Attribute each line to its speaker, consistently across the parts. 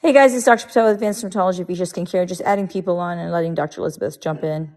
Speaker 1: Hey guys, it's Dr. Patel with Advanced Dermatology of Asia Skin Care, just adding people on and letting Dr. Elizabeth jump in.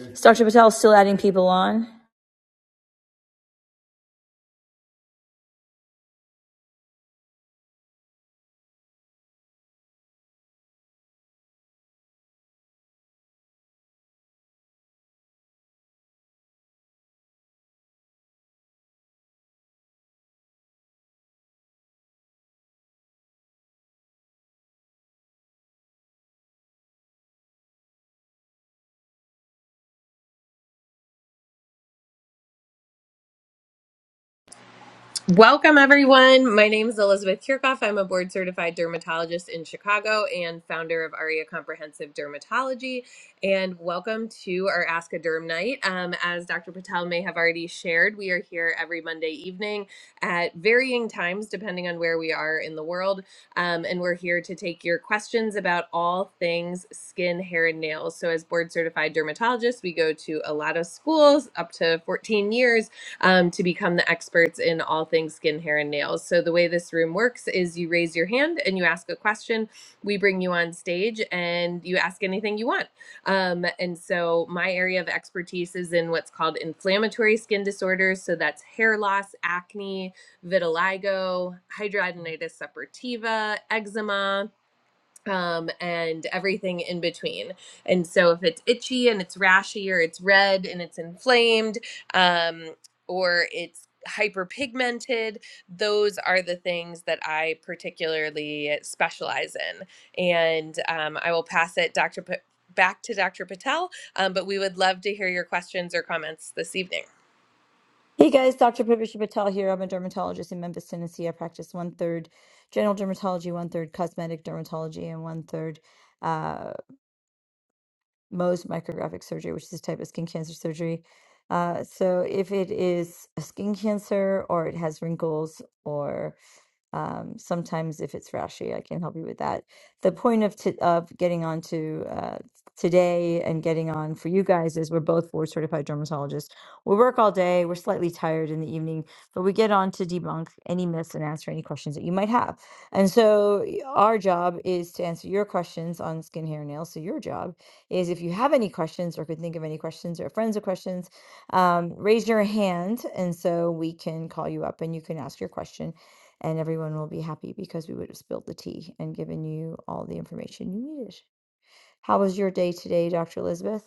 Speaker 1: Is Dr. Patel still adding people on?
Speaker 2: Welcome, everyone. My name is Elizabeth Kirchhoff. I'm a board certified dermatologist in Chicago and founder of ARIA Comprehensive Dermatology. And welcome to our Ask a Derm Night. Um, as Dr. Patel may have already shared, we are here every Monday evening at varying times, depending on where we are in the world. Um, and we're here to take your questions about all things skin, hair, and nails. So, as board certified dermatologists, we go to a lot of schools, up to 14 years um, to become the experts in all things skin, hair, and nails. So, the way this room works is you raise your hand and you ask a question. We bring you on stage and you ask anything you want. Um, and so, my area of expertise is in what's called inflammatory skin disorders. So, that's hair loss, acne, vitiligo, hidradenitis suppurativa, eczema um, and everything in between. And so if it's itchy and it's rashy or it's red and it's inflamed um, or it's hyperpigmented, those are the things that I particularly specialize in. And um, I will pass it, Dr. Pa- back to Dr. Patel, um, but we would love to hear your questions or comments this evening.
Speaker 1: Hey guys, Dr. Pavisha Patel here. I'm a dermatologist in Memphis, Tennessee. I practice one third general dermatology, one third cosmetic dermatology, and one third uh, Mohs micrographic surgery, which is a type of skin cancer surgery. Uh, so if it is a skin cancer or it has wrinkles or Um, sometimes if it's rashi, I can help you with that. The point of t of getting on to uh, today and getting on for you guys is we're both board certified dermatologists. We work all day. We're slightly tired in the evening, but we get on to debunk any myths and answer any questions that you might have. And so y- our job is to answer your questions on skin, hair, nails. So your job is if you have any questions or could think of any questions or friends of questions, um, raise your hand, and so we can call you up and you can ask your question and everyone will be happy because we would have spilled the tea and given you all the information you needed. How was your day today, Dr. Elizabeth?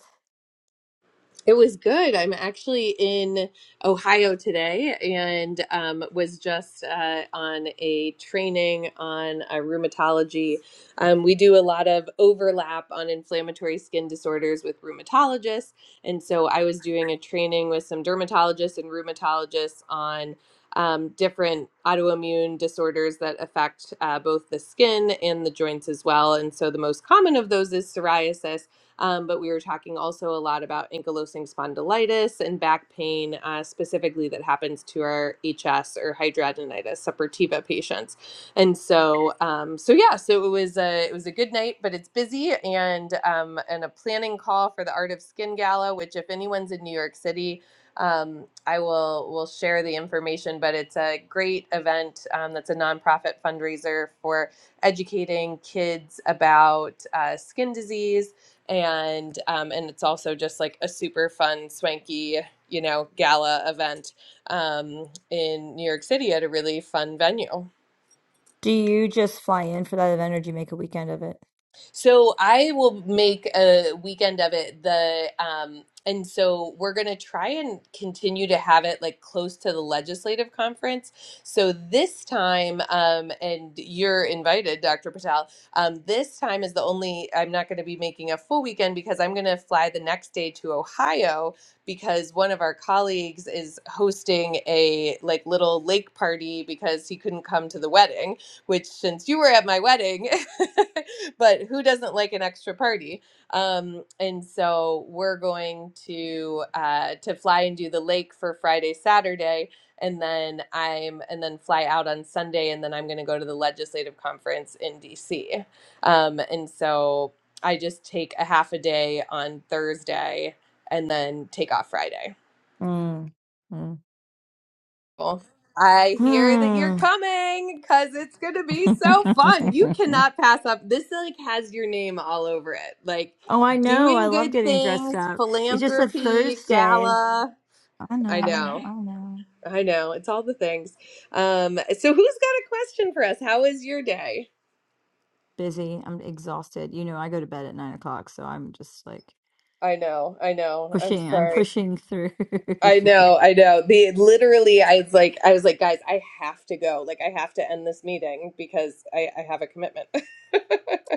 Speaker 2: It was good. I'm actually in Ohio today and um, was just uh, on a training on uh, rheumatology. Um, we do a lot of overlap on inflammatory skin disorders with rheumatologists. And so I was doing a training with some dermatologists and rheumatologists on um, different autoimmune disorders that affect uh, both the skin and the joints as well. And so the most common of those is psoriasis um, but we were talking also a lot about ankylosing spondylitis and back pain, uh, specifically that happens to our HS or hidradenitis suppurativa patients. And so, um, so yeah, so it was a it was a good night, but it's busy and um, and a planning call for the Art of Skin Gala, which if anyone's in New York City. Um, I will will share the information, but it's a great event um, that's a nonprofit fundraiser for educating kids about uh, skin disease and um, and it's also just like a super fun, swanky, you know, gala event um, in New York City at a really fun venue.
Speaker 1: Do you just fly in for that event or do you make a weekend of it?
Speaker 2: So I will make a weekend of it. The um, and so we're gonna try and continue to have it like close to the legislative conference. So this time, um, and you're invited, Dr. Patel. Um, this time is the only I'm not gonna be making a full weekend because I'm gonna fly the next day to Ohio because one of our colleagues is hosting a like little lake party because he couldn't come to the wedding which since you were at my wedding, but who doesn't like an extra party? Um, and so we're going to uh, to fly and do the lake for Friday, Saturday, and then I'm and then fly out on Sunday, and then I'm going to go to the legislative conference in DC. Um, and so I just take a half a day on Thursday and then take off Friday.
Speaker 1: Mm. Mm.
Speaker 2: Well, I hear that you're
Speaker 1: Hmm.
Speaker 2: coming because it's going to be so fun. You cannot pass up. This like has your name all over it. Like
Speaker 1: oh, I know. I
Speaker 2: doing
Speaker 1: love
Speaker 2: good
Speaker 1: getting dressed
Speaker 2: things,
Speaker 1: up. It's just a
Speaker 2: philanthropy,
Speaker 1: Thursday.
Speaker 2: gala.
Speaker 1: I
Speaker 2: I
Speaker 1: know.
Speaker 2: know.
Speaker 1: I know.
Speaker 2: I know. It's all the things. Um, so who's got a question for us? How is your day?
Speaker 1: Busy. I'm exhausted. You know, I go to bed at nine o'clock, so I'm just like
Speaker 2: I know. I know. I'm
Speaker 1: pushing. I'm
Speaker 2: sorry.
Speaker 1: pushing through.
Speaker 2: I know. I know. The literally I was like I was like guys, I have to go. Like I have to end this meeting because I I have a commitment.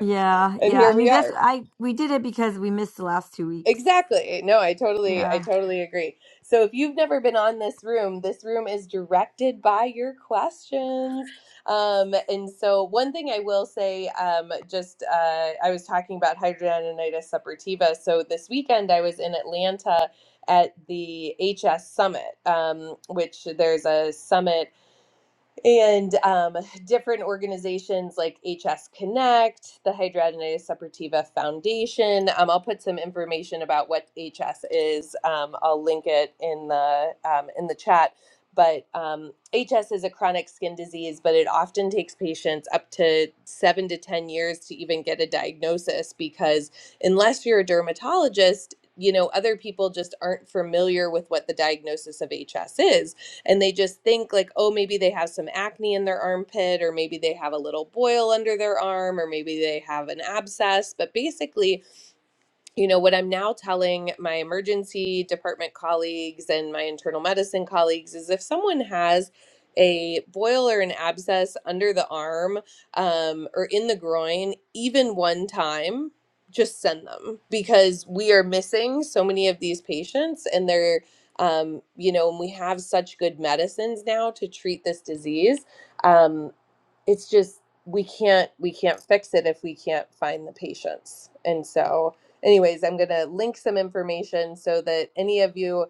Speaker 1: Yeah,
Speaker 2: and
Speaker 1: yeah. I
Speaker 2: here
Speaker 1: mean,
Speaker 2: we
Speaker 1: that's
Speaker 2: are.
Speaker 1: I we did it because we missed the last two weeks.
Speaker 2: Exactly. No, I totally I
Speaker 1: Yeah.
Speaker 2: totally agree. So if you've never been on this room, this room is directed by your questions. Um, and so one thing I will say, um, just uh, I was talking about hydrogenonitis suppurativa. So this weekend I was in Atlanta at the HS Summit, um, which there's a summit and um, different organizations like HS Connect, the Hidradenitis Suppurativa Foundation. Um, I'll put some information about what HS is. Um, I'll link it in the um, in the chat. But um, HS is a chronic skin disease, but it often takes patients up to seven to ten years to even get a diagnosis because unless you're a dermatologist. You know, other people just aren't familiar with what the diagnosis of HS is and they just think like oh maybe they have some acne in their armpit or maybe they have a little boil under their arm or maybe they have an abscess but basically you know, what I'm now telling my emergency department colleagues and my internal medicine colleagues is if someone has a boil or an abscess under the arm um, or in the groin, even one time, just send them because we are missing so many of these patients and they're. Um, you know, and we have such good medicines now to treat this disease. Um, it's just we can't we can't fix it if we can't find the patients and so anyways i'm going to link some information so that any of you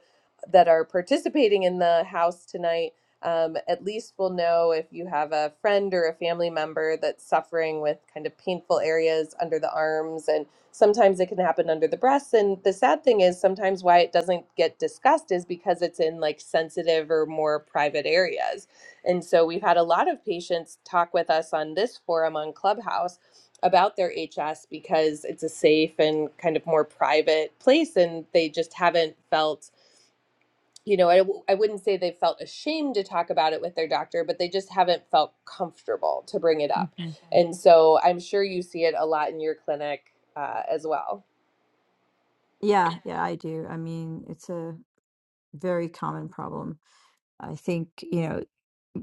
Speaker 2: that are participating in the house tonight um, at least will know if you have a friend or a family member that's suffering with kind of painful areas under the arms and sometimes it can happen under the breasts and the sad thing is sometimes why it doesn't get discussed is because it's in like sensitive or more private areas and so we've had a lot of patients talk with us on this forum on Clubhouse about their HS because it's a safe and kind of more private place and they just haven't felt you know I, w- I wouldn't say they felt ashamed to talk about it with their doctor but they just haven't felt comfortable to bring it up
Speaker 1: hmm
Speaker 2: and so i'm sure you see it a lot in your clinic uh, as well
Speaker 1: Yeah, yeah, I do. I mean, it's a very common problem. I think, you know,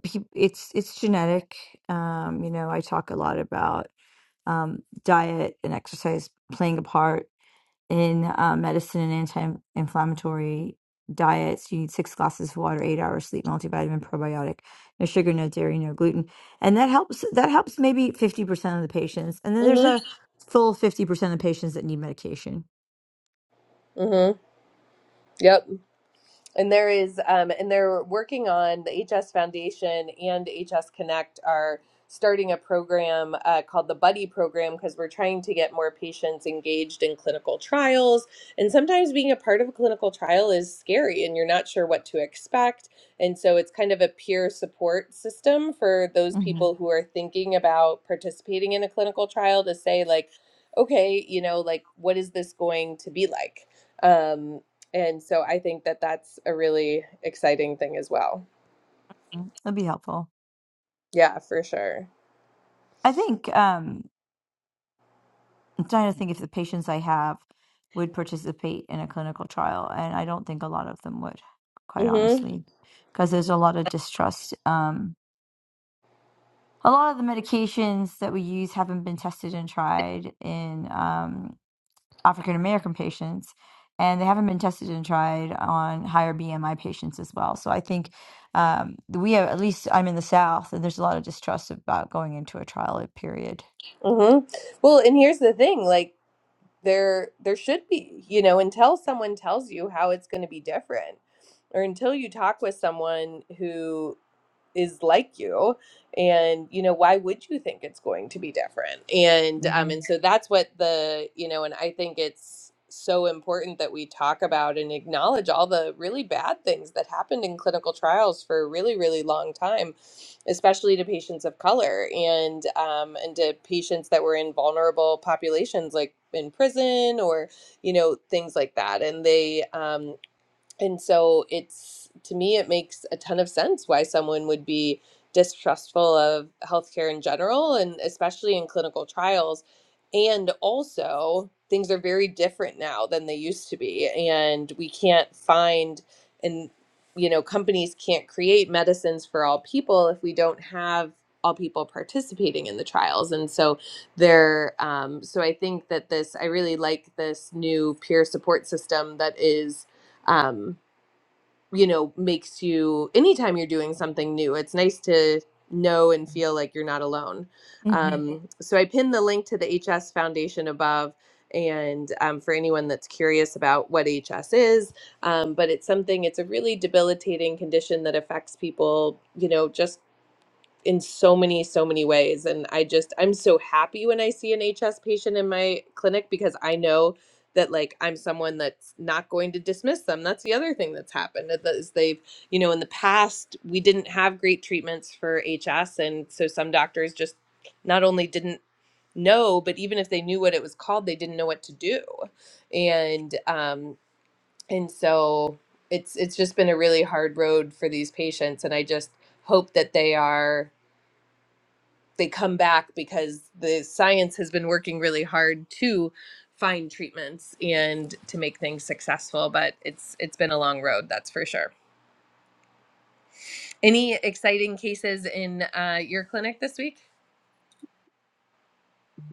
Speaker 1: peop- it's it's genetic. Um, you know, I talk a lot about um diet and exercise playing a part in uh, medicine and anti-inflammatory diets you need six glasses of water eight hours sleep multivitamin probiotic no sugar no dairy no gluten and that helps that helps maybe 50% of the patients and then there's
Speaker 2: mm-hmm.
Speaker 1: a full 50% of patients that need medication
Speaker 2: Mm-hmm. yep and there is um, and they're working on the hs foundation and hs connect are starting a program uh, called the buddy program because we're trying to get more patients engaged in clinical trials and sometimes being a part of a clinical trial is scary and you're not sure what to expect and so it's kind of a peer support system for those
Speaker 1: mm
Speaker 2: people who are thinking about participating in a clinical trial to say like okay you know like what is this going to be like Um, and so I think that that's a really exciting thing as well.
Speaker 1: hmm that'd be helpful
Speaker 2: Yeah, for sure.
Speaker 1: i think um I'm trying to think if the patients I have would participate in a clinical trial, and I don't think a lot of them would, quite
Speaker 2: Mhm.
Speaker 1: honestly, because there's a lot of distrust. Um, a lot of the medications that we use haven't been tested and tried in um, African American patients, and they haven't been tested and tried on higher BMI patients as well. So I think um, we have, at least I'm in the South, and there's a lot of distrust about going into a trial period.
Speaker 2: Mhm. Well, and here's the thing, like there there should be, you know, until someone tells you how it's going to be different or until you talk with someone who is like you and you know why would you think it's going to be different and um and
Speaker 1: hmm
Speaker 2: so that's what the you know and i think it's so important that we talk about and acknowledge all the really bad things that happened in clinical trials for a really really long time especially to patients of color and um and to patients that were in vulnerable populations like in prison or you know things like that and they um and so it's to me, it makes a ton of sense why someone would be distrustful of healthcare in general, and especially in clinical trials. And also, things are very different now than they used to be, and we can't find and you know companies can't create medicines for all people if we don't have all people participating in the trials and so there um, so i think that this i really like this new peer support system that is um, you know, makes you anytime you're doing something new, it's nice to know and feel like you're not alone. Um, so I pinned the link to the HS Foundation above. And um, for anyone that's curious about what HS is, um, but it's something, it's a really debilitating condition that affects people, you know, just in so many so many ways and i just i'm so happy when i see an hs patient in my clinic because i know that like i'm someone that's not going to dismiss them that's the other thing that's happened that that is they've you know in the past we didn't have great treatments for hs and so some doctors just not only didn't know but even if they knew what it was called they didn't know what to do and um and so it's it's just been a really hard road for these patients and i just hope that they are they come back because the science has been working really hard to find treatments and to make things successful but it's it's been a long road that's for sure any exciting cases in uh, your clinic this week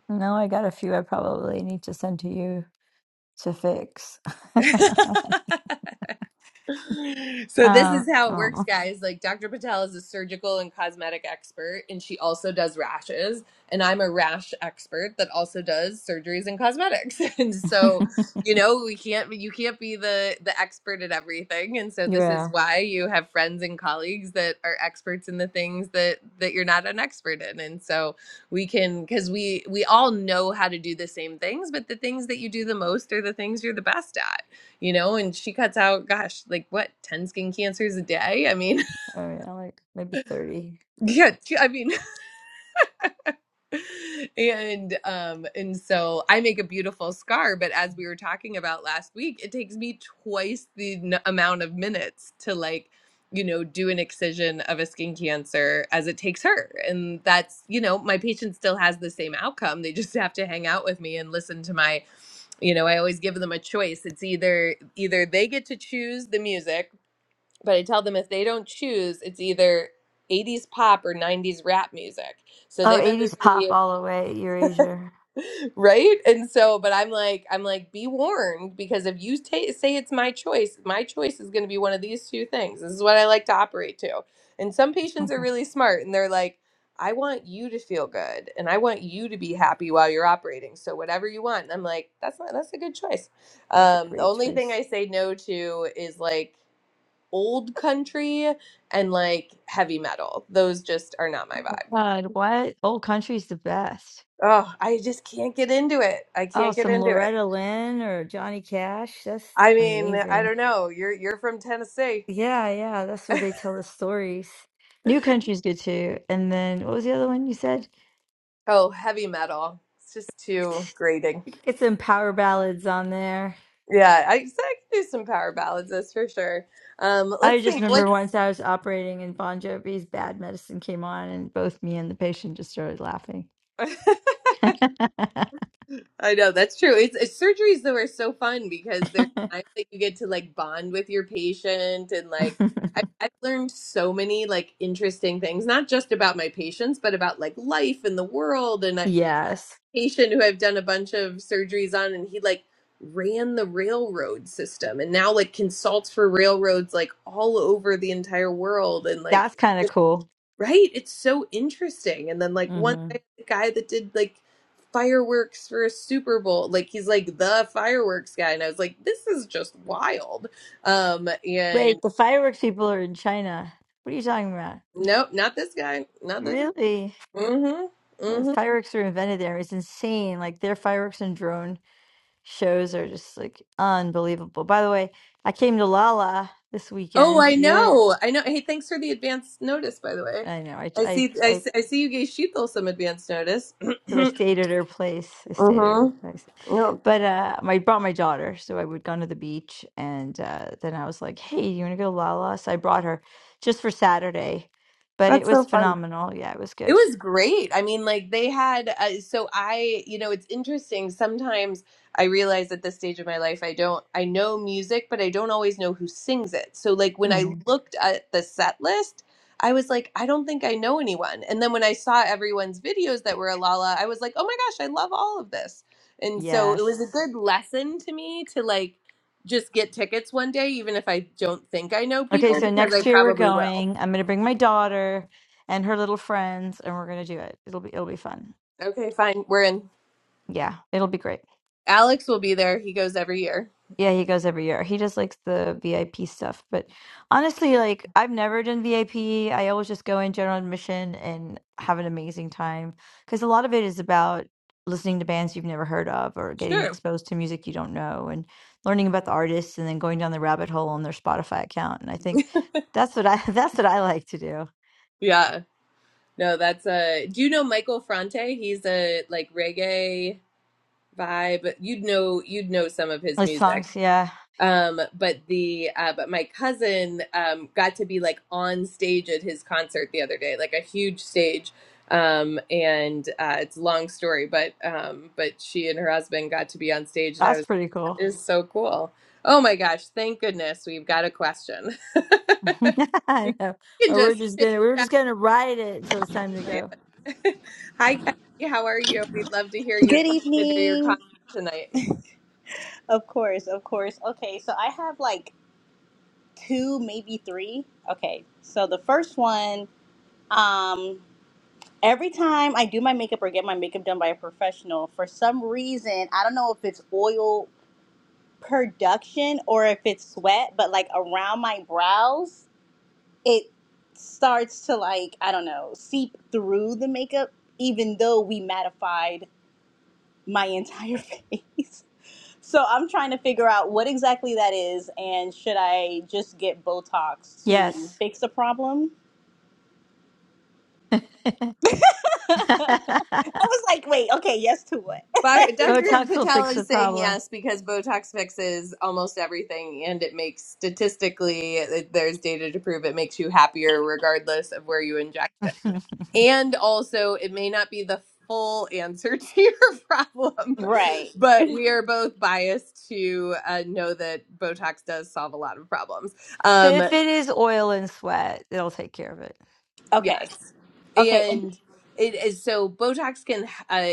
Speaker 1: No, I got a few I probably need to send to you to fix.
Speaker 2: So this
Speaker 1: um,
Speaker 2: is how it works,
Speaker 1: oh.
Speaker 2: guys. Like Dr. Patel is a surgical and cosmetic expert, and she also does rashes. And I'm a rash expert that also does surgeries and cosmetics. And so, you know, we can't you can't be the the expert at everything. And so this is
Speaker 1: yeah,
Speaker 2: why you have friends and colleagues that are experts in the things that that you're not an expert in. And so we can because we we all know how to do the same things, but the things that you do the most are the things you're the best at you know, and she cuts out, gosh, like what, 10 skin cancers a day? I mean,
Speaker 1: Oh, yeah. like maybe 30.
Speaker 2: yeah, I mean, and um, and so I make a beautiful scar, but as we were talking about last week, it takes me twice the n- amount of minutes to like, you know, do an excision of a skin cancer as it takes her. And that's, you know, my patient still has the same outcome. They just have to hang out with me and listen to my you know i always give them a choice it's either either they get to choose the music but I tell them if they don't choose, it's either 80s pop or 90s rap music. So
Speaker 1: Oh,
Speaker 2: they better
Speaker 1: 80s pop
Speaker 2: be
Speaker 1: all the way, Erasure.
Speaker 2: right. And so, but I'm like, I'm like, be warned because if you ta say it's my choice, my choice is going to be one of these two things. This is what I like to operate to. And some patients are really smart and they're like, I want you to feel good and I want you to be happy while you're operating. So whatever you want. And I'm like, that's not, that's a good choice.
Speaker 1: That's a
Speaker 2: Um, the
Speaker 1: great
Speaker 2: only thing
Speaker 1: choice.
Speaker 2: I say no to is like old country and like heavy metal. Those just are not my
Speaker 1: Oh my
Speaker 2: vibe.
Speaker 1: God, what? Old country's the best.
Speaker 2: Oh, I just can't get into it. I
Speaker 1: Oh,
Speaker 2: can't get
Speaker 1: some
Speaker 2: into it.
Speaker 1: Loretta Lynn or Johnny Cash. That's
Speaker 2: I mean, I
Speaker 1: amazing.
Speaker 2: don't know. You're you're from Tennessee.
Speaker 1: Yeah, yeah, that's where they tell the stories. New country's good too. And then what was the other one you said?
Speaker 2: Oh, heavy metal. It's just too
Speaker 1: It's
Speaker 2: grating.
Speaker 1: it's some power ballads on there.
Speaker 2: Yeah, I, so I can do some power ballads, that's for sure. Um,
Speaker 1: I
Speaker 2: let's
Speaker 1: just
Speaker 2: think. What?
Speaker 1: remember once I was operating and Bon Jovi's Bad Medicine came on, and both me and the patient just started laughing.
Speaker 2: I know that's true. It's, it's surgeries though are so fun because there's times that you get to like bond with your patient and like I, I've learned so many like interesting things, not just about my patients, but about like life and the world. And a
Speaker 1: yes,
Speaker 2: patient who I've done a bunch of surgeries on, and he like ran the railroad system and now like consults for railroads like all over the entire world. And like
Speaker 1: that's kind of cool.
Speaker 2: Right? It's so interesting. And then like one
Speaker 1: hmm
Speaker 2: guy the guy that did like fireworks for a Super Bowl, like he's like the fireworks guy. And I was like, this is just wild. Um and
Speaker 1: Wait, the fireworks people are in China. What are you talking about?
Speaker 2: nope, not this guy. Not this guy.
Speaker 1: Really?
Speaker 2: Mm-hmm.
Speaker 1: Those
Speaker 2: Mm-hmm.
Speaker 1: fireworks were invented there. It's insane. Like their fireworks and drone shows are just like unbelievable. By the way, I came to Lala this
Speaker 2: Oh,
Speaker 1: weekend.
Speaker 2: I
Speaker 1: You're,
Speaker 2: know. I know. Hey, thanks for the advance notice, by the way.
Speaker 1: I know, I,
Speaker 2: I
Speaker 1: I,
Speaker 2: see I
Speaker 1: I
Speaker 2: see, I see you gave Sheetal some advance notice.
Speaker 1: because I stayed at her place. I stayed at her
Speaker 2: mm-hmm.
Speaker 1: place.
Speaker 2: Yep.
Speaker 1: But uh, I brought my daughter, so I would gone to the beach, and uh, then I was like, "Hey, you want to go to Lala?" So I brought her just for Saturday, but it
Speaker 2: That's so
Speaker 1: was
Speaker 2: fun.
Speaker 1: phenomenal. Yeah, it was
Speaker 2: It
Speaker 1: good.
Speaker 2: was great. I mean, like they had, uh, so I, you know, it's interesting. Sometimes I realize at this stage of my life, I don't, I know music, but I don't always know who sings it. So, like, when I
Speaker 1: hmm
Speaker 2: looked at the set list, I was like, I don't think I know anyone. And then when I saw everyone's videos that were Alala, I was like, oh my gosh, I love all of this. And so it was a
Speaker 1: Yes.
Speaker 2: good lesson to me to like just get tickets one day, even if I don't think I know
Speaker 1: Okay,
Speaker 2: people,
Speaker 1: so
Speaker 2: because
Speaker 1: next
Speaker 2: I
Speaker 1: year we're
Speaker 2: probably will.
Speaker 1: going. I'm gonna bring my daughter and her little friends, and we're gonna do it. It'll be it'll be fun.
Speaker 2: Okay, fine. We're in.
Speaker 1: Yeah, it'll be great.
Speaker 2: Alex will be there. He goes every year.
Speaker 1: Yeah, he goes every year. He does like the VIP stuff, but honestly, like I've never done VIP. I P. I always just go in general admission and have an amazing time because a lot of it is about listening to bands you've never heard of or getting
Speaker 2: Sure.
Speaker 1: exposed to music you don't know and learning about the artists and then going down the rabbit hole on their Spotify account. And I think that's what I that's what I like to do.
Speaker 2: Yeah. No, that's uh do you know Michael Fronte? He's a like reggae vibe. You'd know you'd know some of his
Speaker 1: With
Speaker 2: music.
Speaker 1: songs, yeah.
Speaker 2: Um but the uh but my cousin um got to be like on stage at his concert the other day, like a huge stage. Um and uh it's a long story, but um but she and her husband got to be on stage and I was
Speaker 1: That's pretty cool.
Speaker 2: is so cool. Oh my gosh, thank goodness we've got a question. we
Speaker 1: I know.
Speaker 2: can
Speaker 1: Or we're
Speaker 2: just
Speaker 1: just
Speaker 2: chit
Speaker 1: gonna we're
Speaker 2: chat.
Speaker 1: just gonna ride it until it's time to
Speaker 2: Yeah.
Speaker 1: go.
Speaker 2: Hi, Kennedy. How are you? We'd love to hear your
Speaker 3: Good
Speaker 2: question or your
Speaker 3: evening.
Speaker 2: comment tonight.
Speaker 3: Of course, of course. Okay, so I have like two, maybe three. Okay, so the first one, um, every time I do my makeup or get my makeup done by a professional, for some reason, I don't know if it's oil production or if it's sweat, but like around my brows, it starts to like, I don't know, seep through the makeup, even though we mattified my entire face. So I'm trying to figure out what exactly that is, and should I just get Botox to
Speaker 1: Yes.
Speaker 3: fix a problem? I was like, wait, okay, yes to what?
Speaker 2: But
Speaker 3: like,
Speaker 2: Dr.
Speaker 1: Botox will
Speaker 2: Patel
Speaker 1: fix the
Speaker 2: is saying
Speaker 1: problem.
Speaker 2: yes because Botox fixes almost everything and it makes statistically, there's data to prove it makes you happier regardless of where you inject it.
Speaker 1: so
Speaker 2: And also, it may not be the full answer to your problem,
Speaker 3: right.
Speaker 2: but we are both biased to uh, know that Botox does solve a lot of problems. Um,
Speaker 1: if it is oil and sweat, it'll take care of it.
Speaker 3: Okay.
Speaker 2: yes.
Speaker 3: Okay. And,
Speaker 2: And it is so Botox can, uh,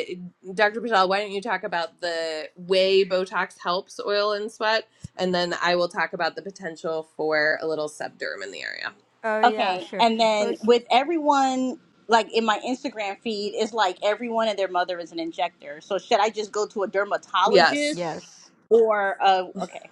Speaker 2: Dr. Patel, why don't you talk about the way Botox helps oil and sweat? And then I will talk about the potential for a little subderm in the area.
Speaker 1: Oh yeah,
Speaker 3: okay.
Speaker 1: sure.
Speaker 3: And then
Speaker 1: Bot-
Speaker 3: with everyone, like in my Instagram feed, it's like everyone and their mother is an injector. So should I just go to a
Speaker 2: Yes.
Speaker 3: dermatologist
Speaker 1: yes.
Speaker 3: or a, okay,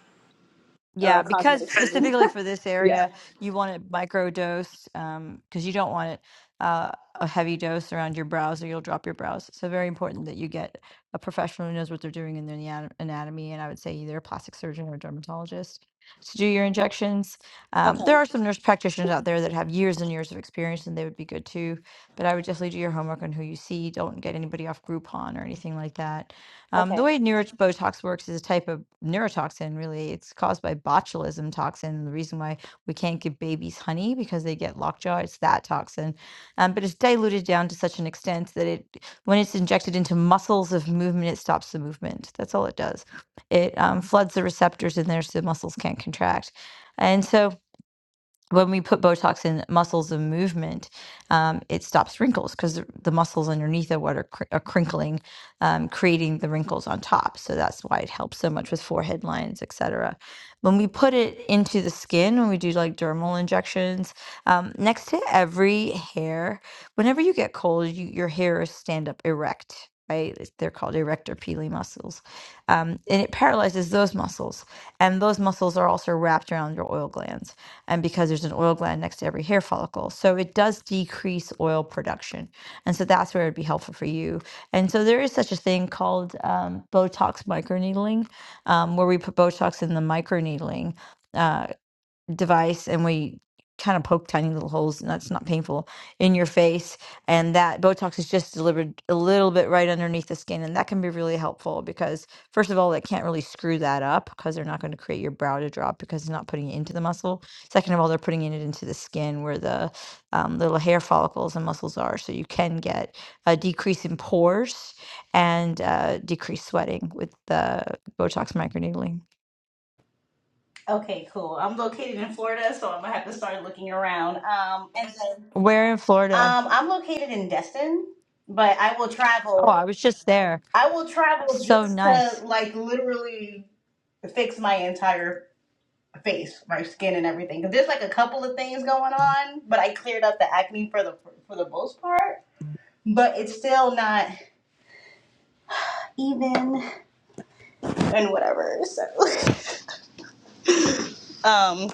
Speaker 3: or
Speaker 1: Yeah,
Speaker 3: a
Speaker 1: because
Speaker 3: cosmetic surgeon?
Speaker 1: specifically for this
Speaker 2: Yes.
Speaker 1: area, you want it microdosed um, because you don't want it uh, a heavy dose around your brows or you'll drop your brows. So very important that you get a professional who knows what they're doing in their anat- anatomy, and I would say either a plastic surgeon or a dermatologist to do your injections. Um, there
Speaker 3: okay.
Speaker 1: are some nurse practitioners out there that have years and years of experience, and they would be good too. But I would definitely do your homework on who you see. Don't get anybody off Groupon or anything like that um, the
Speaker 3: Okay.
Speaker 1: way neurobotox works is a type of neurotoxin, really. It's caused by botulism toxin. The reason why we can't give babies honey because they get lockjaw, it's that toxin. Um, but it's diluted down to such an extent that it, when it's injected into muscles of movement, it stops the movement. That's all it does. It um, floods the receptors in there so the muscles can't contract. And so when we put Botox in muscles of movement, um, it stops wrinkles because the, the muscles underneath are what are, cr- are crinkling, um, creating the wrinkles on top. So that's why it helps so much with forehead lines, etc. When we put it into the skin, when we do like dermal injections, um, next to every hair, whenever you get cold, you, your hair is stand up erect. Right? It's- They're called erector pili muscles. Um, and it paralyzes those muscles. And those muscles are also wrapped around your oil glands and because there's an oil gland next to every hair follicle. So it does decrease oil production. And so that's where it'd be helpful for you. And so there is such a thing called um, Botox microneedling, um, where we put Botox in the microneedling. uh, device and we kind of poke tiny little holes and that's not painful in your face and that botox is just delivered a little bit right underneath the skin and that can be really helpful because first of all they can't really screw that up because they're not going to create your brow to drop because they're not putting it into the muscle second of all they're putting it into the skin where the um, little hair follicles and muscles are so you can get a decrease in pores and uh, decreased sweating with the botox microneedling
Speaker 3: Okay, cool. I'm located in Florida, so I'm gonna have to start looking around. Um, and then,
Speaker 1: where in florida
Speaker 3: um, I'm located in Destin, but I will
Speaker 1: oh
Speaker 3: travel.
Speaker 1: i was just there
Speaker 3: I will travel
Speaker 1: So
Speaker 3: just to
Speaker 1: nice.
Speaker 3: like literally fix my entire face, my skin, and everything. 'Cause there's like a couple of things going on, but I cleared up the acne for the for the most part. But it's still not even and whatever. So, um,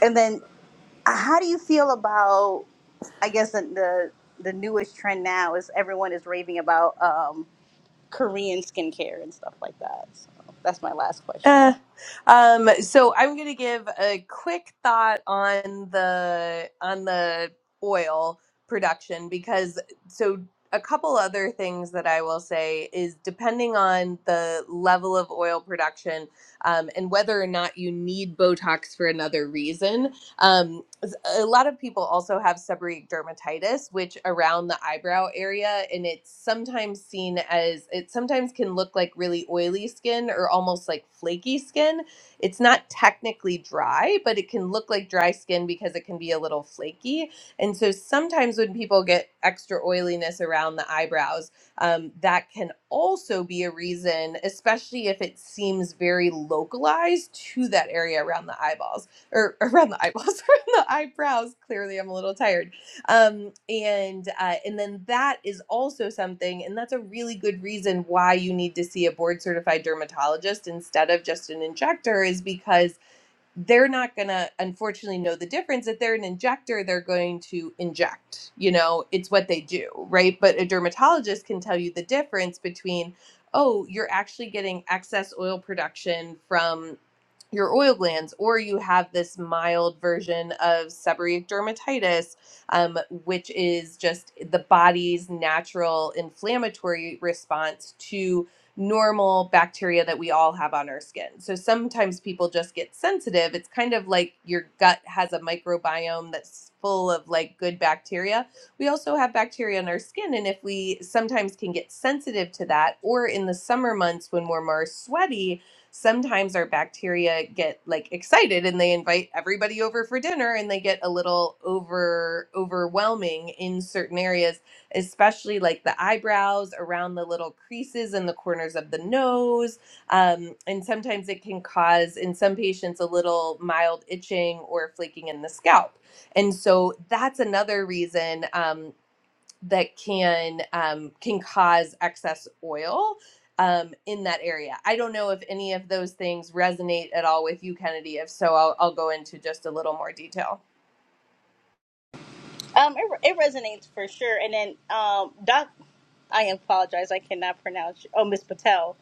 Speaker 3: and then how do you feel about? I guess the the the newest trend now is everyone is raving about um, Korean skincare and stuff like that. So that's my last
Speaker 2: Uh,
Speaker 3: question.
Speaker 2: um, so I'm gonna give a quick thought on the on the oil production because so a couple other things that I will say is depending on the level of oil production um, and whether or not you need Botox for another reason. um, a lot of people also have seborrheic dermatitis, which around the eyebrow area, and it's sometimes seen as it sometimes can look like really oily skin or almost like flaky skin. It's not technically dry, but it can look like dry skin because it can be a little flaky. And so sometimes when people get extra oiliness around the eyebrows, um, that can also be a reason, especially if it seems very localized to that area around the eyeballs or around the eyeballs, around the eyebrows. Clearly, I'm a little tired. Um, and uh, and then that is also something, and that's a really good reason why you need to see a board certified dermatologist instead of just an injector, is because they're not gonna unfortunately know the difference. If they're an injector, they're going to inject. You know, it's what they do, right? But a dermatologist can tell you the difference between. Oh, you're actually getting excess oil production from your oil glands, or you have this mild version of seborrheic dermatitis, um, which is just the body's natural inflammatory response to normal bacteria that we all have on our skin. So sometimes people just get sensitive. It's kind of like your gut has a microbiome that's full of like good bacteria. We also have bacteria in our skin and if we sometimes can get sensitive to that or in the summer months when we're more sweaty, sometimes our bacteria get like excited and they invite everybody over for dinner and they get a little over overwhelming in certain areas especially like the eyebrows around the little creases and the corners of the nose um, and sometimes it can cause in some patients a little mild itching or flaking in the scalp and so that's another reason Um that can um, can cause excess oil um, in that area. I don't know if any of those things resonate at all with you, Kennedy. If so, I'll, I'll go into just a little more detail.
Speaker 3: Um, it, it resonates for sure. And then um, Doc, I apologize, I cannot pronounce. Oh, Miss Patel,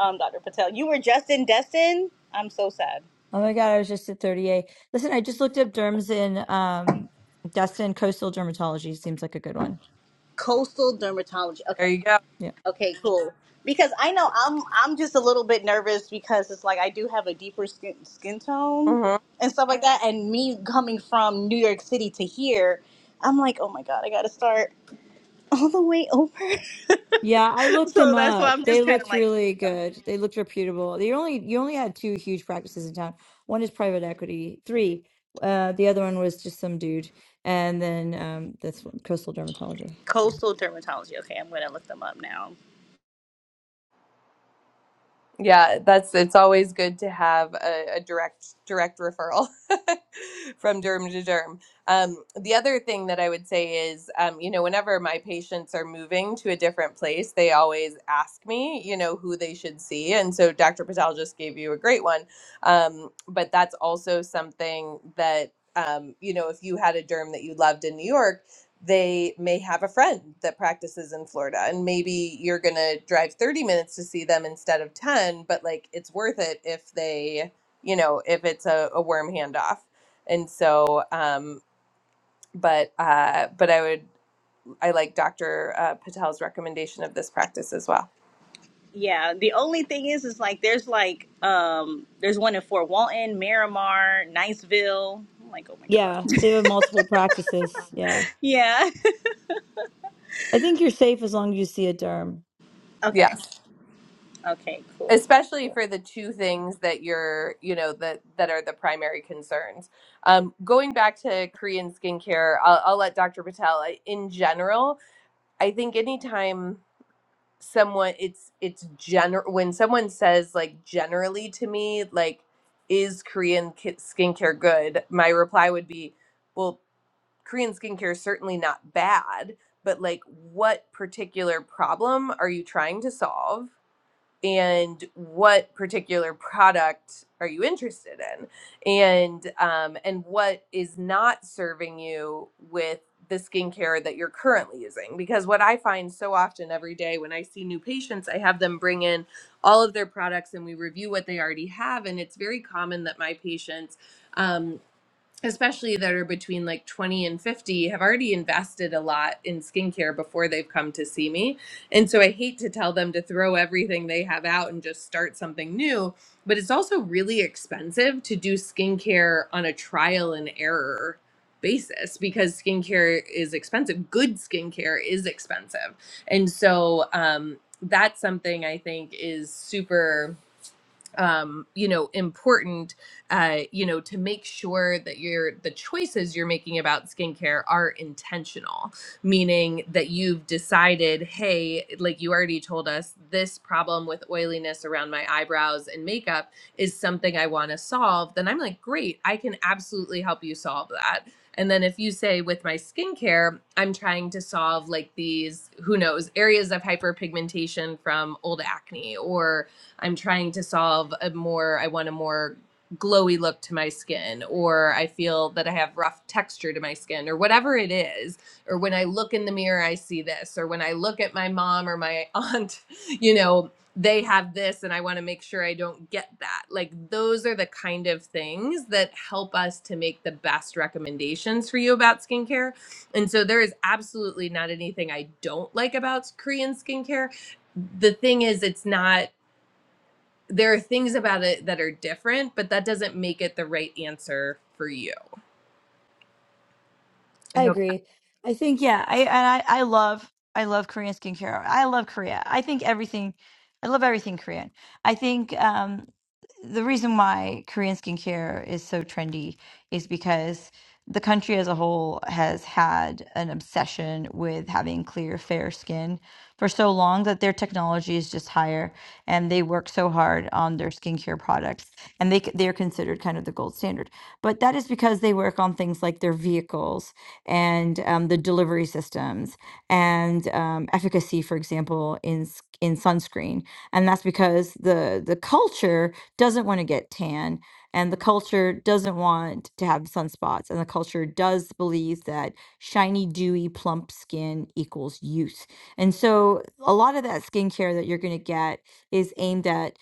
Speaker 3: um, Doctor Patel, you were just in Destin. I'm so sad.
Speaker 1: Oh my God, I was just at 38. Listen, I just looked up derms in um Destin Coastal Dermatology. Seems like a good one.
Speaker 3: Coastal dermatology. Okay.
Speaker 2: There you
Speaker 1: Yeah.
Speaker 3: Okay, cool. Because I know I'm I'm just a little bit nervous because it's like I do have a deeper skin skin tone
Speaker 2: go.
Speaker 3: and stuff like that. And me coming from New York City to here, I'm like, oh my god, I gotta start all the way over.
Speaker 1: Yeah, I looked them
Speaker 3: So that's why
Speaker 1: up.
Speaker 3: I'm
Speaker 1: They
Speaker 3: just kind of
Speaker 1: looked
Speaker 3: like, oh my
Speaker 1: really
Speaker 3: god.
Speaker 1: good. They looked reputable. They only you only had two huge practices in town. One is private equity, three. Uh, the other one was just some dude. And then um this one, Coastal Dermatology.
Speaker 3: Coastal dermatology. Okay, I'm gonna look them up now.
Speaker 2: Yeah, that's it's always good to have a, a direct direct referral from derm to derm. Um, the other thing that I would say is, um, you know, whenever my patients are moving to a different place, they always ask me, you know, who they should see. And so Dr. Patel just gave you a great one. Um, but that's also something that, um, you know, if you had a derm that you loved in New York, they may have a friend that practices in Florida and maybe you're going to drive 30 minutes to see them instead of 10 but like it's worth it if they you know if it's a, a worm handoff and so um but uh but I would I like Dr. Uh, Patel's recommendation of this practice as well
Speaker 3: Yeah, the only thing is, is like there's like um there's one in Fort Walton, Miramar, Niceville. I'm like, oh my god.
Speaker 1: Yeah, they have multiple practices. Yeah.
Speaker 3: Yeah.
Speaker 1: I think you're safe as long as you see a derm.
Speaker 3: Okay.
Speaker 2: yes
Speaker 3: Okay. Cool.
Speaker 2: especially for the two things that you're you know that that are the primary concerns um, going back to korean skincare i'll, I'll let dr patel I- in general i think anytime someone it's it's general when someone says like generally to me like is korean ki- skincare good my reply would be well korean skincare is certainly not bad but like what particular problem are you trying to solve and what particular product are you interested in and um, and what is not serving you with the skincare that you're currently using because what i find so often every day when i see new patients i have them bring in all of their products and we review what they already have and it's very common that my patients um, especially that are between like 20 and 50 have already invested a lot in skincare before they've come to see me. And so I hate to tell them to throw everything they have out and just start something new, but it's also really expensive to do skincare on a trial and error basis because skincare is expensive. Good skincare is expensive. And so um that's something I think is super um, you know important uh, you know to make sure that your the choices you're making about skincare are intentional meaning that you've decided hey like you already told us this problem with oiliness around my eyebrows and makeup is something i want to solve then i'm like great i can absolutely help you solve that and then if you say with my skincare, I'm trying to solve like these, who knows, areas of hyperpigmentation from old acne or. I'm trying to solve a more, I want a more glowy look to my skin, or I feel that I have rough texture to my skin, or whatever it is. Or when I look in the mirror, I see this. Or when I look at my mom or my aunt, you know, they have this and I want to make sure I don't get that. Like those are the kind of things that help us to make the best recommendations for you about skincare. And so there is absolutely not anything I don't like about Korean skincare the thing is it's not there are things about it that are different, but that doesn't make it the right answer for you. I
Speaker 1: I
Speaker 2: hope.
Speaker 1: agree. I think yeah, I and I I love I love Korean skincare. I love Korea. I think everything I love everything Korean. I think um the reason why Korean skincare is so trendy is because the country as a whole has had an obsession with having clear, fair skin for so long that their technology is just higher and they work so hard on their skincare products and they c- they're considered kind of the gold standard. But that is because they work on things like their vehicles and um, the delivery systems and um, efficacy, for example, in s- in sunscreen. And that's because the the culture doesn't want to get tan, and the culture doesn't want to have sunspots, and the culture does believe that shiny, dewy, plump skin equals youth. And so a lot of that skincare that you're going to get is aimed at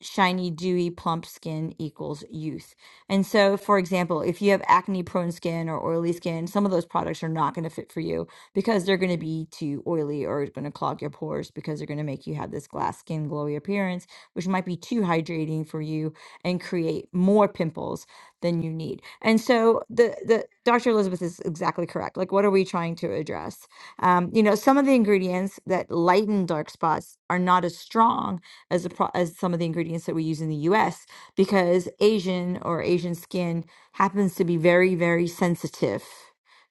Speaker 1: shiny, dewy, plump skin equals youth and so, for example, if you have acne prone skin or oily skin, some of those products are not going to fit for you because they're going to be too oily or going to clog your pores because they're going to make you have this glass skin glowy appearance, which might be too hydrating for you and create more pimples than you need. And so the the Dr. Elizabeth is exactly correct. Like what are we trying to address? Um, you know, some of the ingredients that lighten dark spots are not as strong as the pro- as some of the ingredients that we use in the US because Asian or Asian skin happens to be very, very sensitive,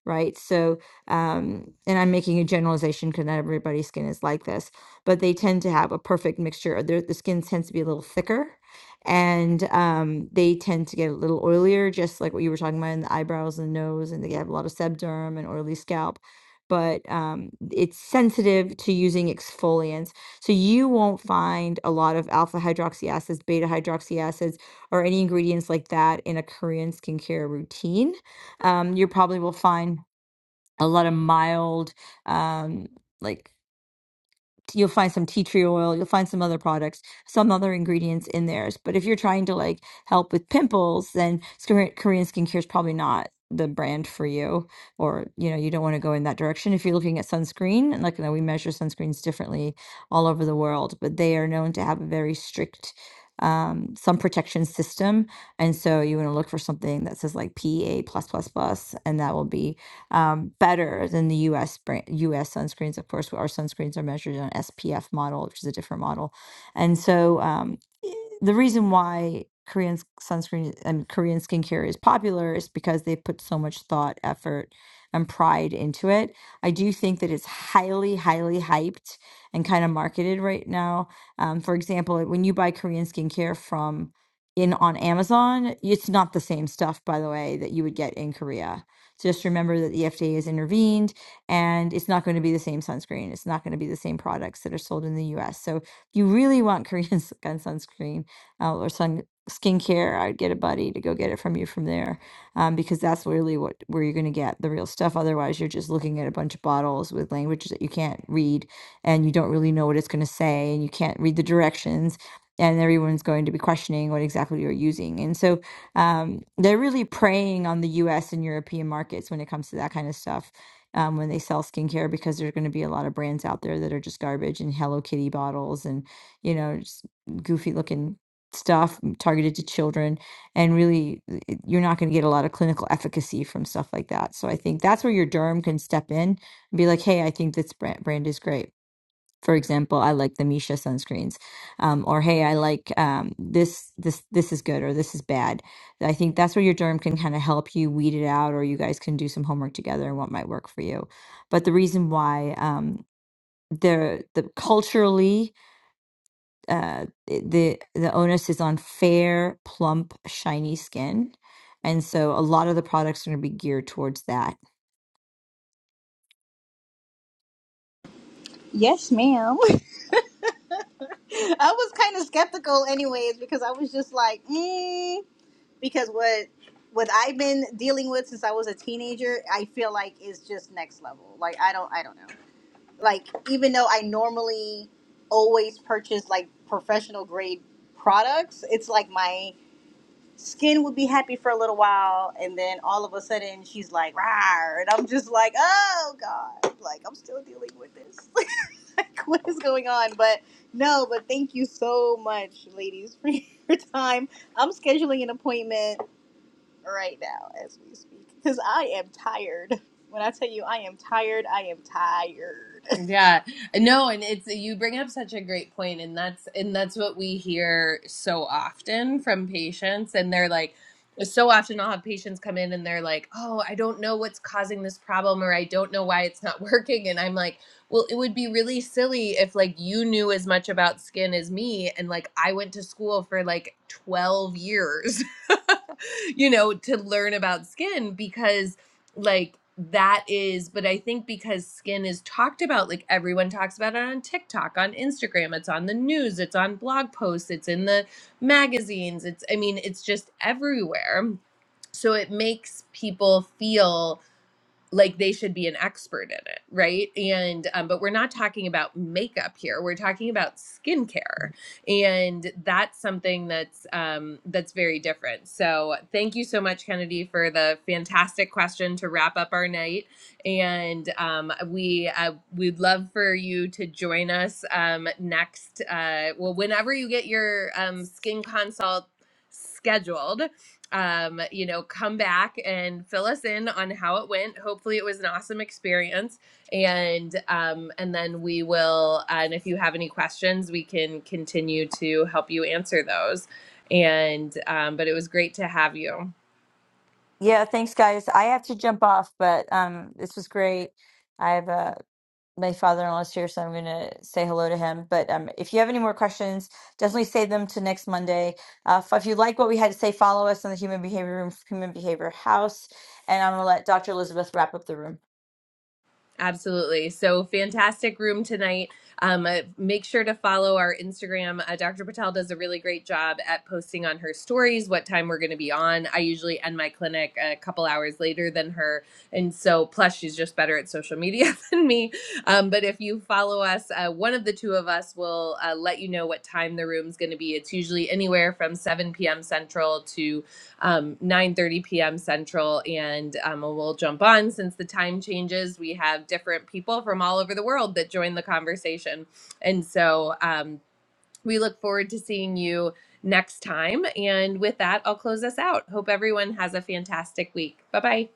Speaker 1: right? So, um, and I'm making a generalization because not everybody's skin is like this, but they tend to have a perfect mixture. Their, the skin tends to be a little thicker and um, they tend to get a little oilier, just like what you were talking about in the eyebrows and nose, and they have a lot of sebderm and oily scalp. But um, it's sensitive to using exfoliants. So you won't find a lot of alpha hydroxy acids, beta hydroxy acids or any ingredients like that in a Korean skincare routine. Um, you probably will find a lot of mild, um, like you'll find some tea tree oil, you'll find some other products, some other ingredients in theirs. But if you're trying to like help with pimples, then Korean, Korean skincare is probably not the brand for you, or you know, you don't want to go in that direction. If you're looking at sunscreen, and like you know, we measure sunscreens differently all over the world, but they are known to have a very strict um sun protection system and so you want to look for something that says like pa plus plus plus and that will be um, better than the U.S. brand, U.S. sunscreens. Of course, our sunscreens are measured on SPF model, which is a different model, and so um, e, the reason why Korean sunscreen and Korean skincare is popular is because they put so much thought, effort, and pride into it. I do think that it's highly, highly hyped and kind of marketed right now. Um, for example, like, when you buy Korean skincare from in on Amazon, it's not the same stuff, by the way, that you would get in Korea just remember that the FDA has intervened and it's not going to be the same sunscreen. It's not going to be the same products that are sold in the US. So if you really want Korean sun sunscreen uh, or sun skincare, I'd get a buddy to go get it from you from there um, because that's really what where you're going to get the real stuff. Otherwise, you're just looking at a bunch of bottles with languages that you can't read, and you don't really know what it's going to say, and you can't read the directions, and everyone's going to be questioning what exactly you're using. And so, um, they're really preying on the U.S. and European markets when it comes to that kind of stuff. Um, when they sell skincare, because there's going to be a lot of brands out there that are just garbage and Hello Kitty bottles and you know just goofy looking stuff targeted to children, and really it- you're not going to get a lot of clinical efficacy from stuff like that. So I think that's where your derm can step in and be like, hey, I think this brand brand is great for example, I like the Misha sunscreens, um, or hey, I like um, this this this is good or this is bad. I think that's where your derm can kind of help you weed it out, or you guys can do some homework together and what might work for you. But the reason why um, the the culturally uh, the the onus is on fair, plump, shiny skin, and so a lot of the products are going to be geared towards that.
Speaker 3: Yes, ma'am. I was kind of skeptical, anyways, because I was just like, mm, because what what I've been dealing with since I was a teenager, I feel like is just next level. Like I don't, I don't know. Like even though I normally always purchase like professional grade products, it's like my skin would be happy for a little while, and then all of a sudden she's like, "Rawr," and I'm just like, "Oh God!" Like I'm still dealing with this. like what is going on but no but thank you so much ladies for your time i'm scheduling an appointment right now as we speak because i am tired when i tell you i am tired i am tired
Speaker 2: Yeah. No, and it's you bring up such a great point and that's and that's what we hear so often from patients and they're like so often I'll have patients come in and they're like, "Oh, I don't know what's causing this problem or I don't know why it's not working." And I'm like, "Well, it would be really silly if like you knew as much about skin as me and like I went to school for like 12 years, you know, to learn about skin because like that is but i think because skin is talked about like everyone talks about it on tiktok on instagram it's on the news it's on blog posts it's in the magazines it's i mean it's just everywhere so it makes people feel like they should be an expert in it right and um, but we're not talking about makeup here we're talking about skincare and that's something that's um, that's very different so thank you so much kennedy for the fantastic question to wrap up our night and um, we uh, we'd love for you to join us um, next uh, well whenever you get your um, skin consult scheduled um, you know, come back and fill us in on how it went. Hopefully, it was an awesome experience, and um, and then we will. And if you have any questions, we can continue to help you answer those. And um, but it was great to have you.
Speaker 1: Yeah, thanks guys. I have to jump off, but um, this was great. I have a my father in law is here, so I'm gonna say hello to him. But um, if you have any more questions, definitely save them to next Monday. Uh, if if you like what we had to say, follow us on the Human Behavior Room, Human Behavior House, and I'm gonna let Dr. Elizabeth wrap up the room.
Speaker 2: Absolutely. So fantastic room tonight. Um, uh, make sure to follow our Instagram. Uh, Dr. Patel does a really great job at posting on her stories what time we're going to be on. I usually end my clinic a couple hours later than her. And so, plus, she's just better at social media than me. Um, but if you follow us, uh, one of the two of us will uh, let you know what time the room's going to be. It's usually anywhere from 7 p.m. Central to um, 9.30 p.m central and um, we'll jump on since the time changes we have different people from all over the world that join the conversation and so um, we look forward to seeing you next time and with that i'll close us out hope everyone has a fantastic week bye bye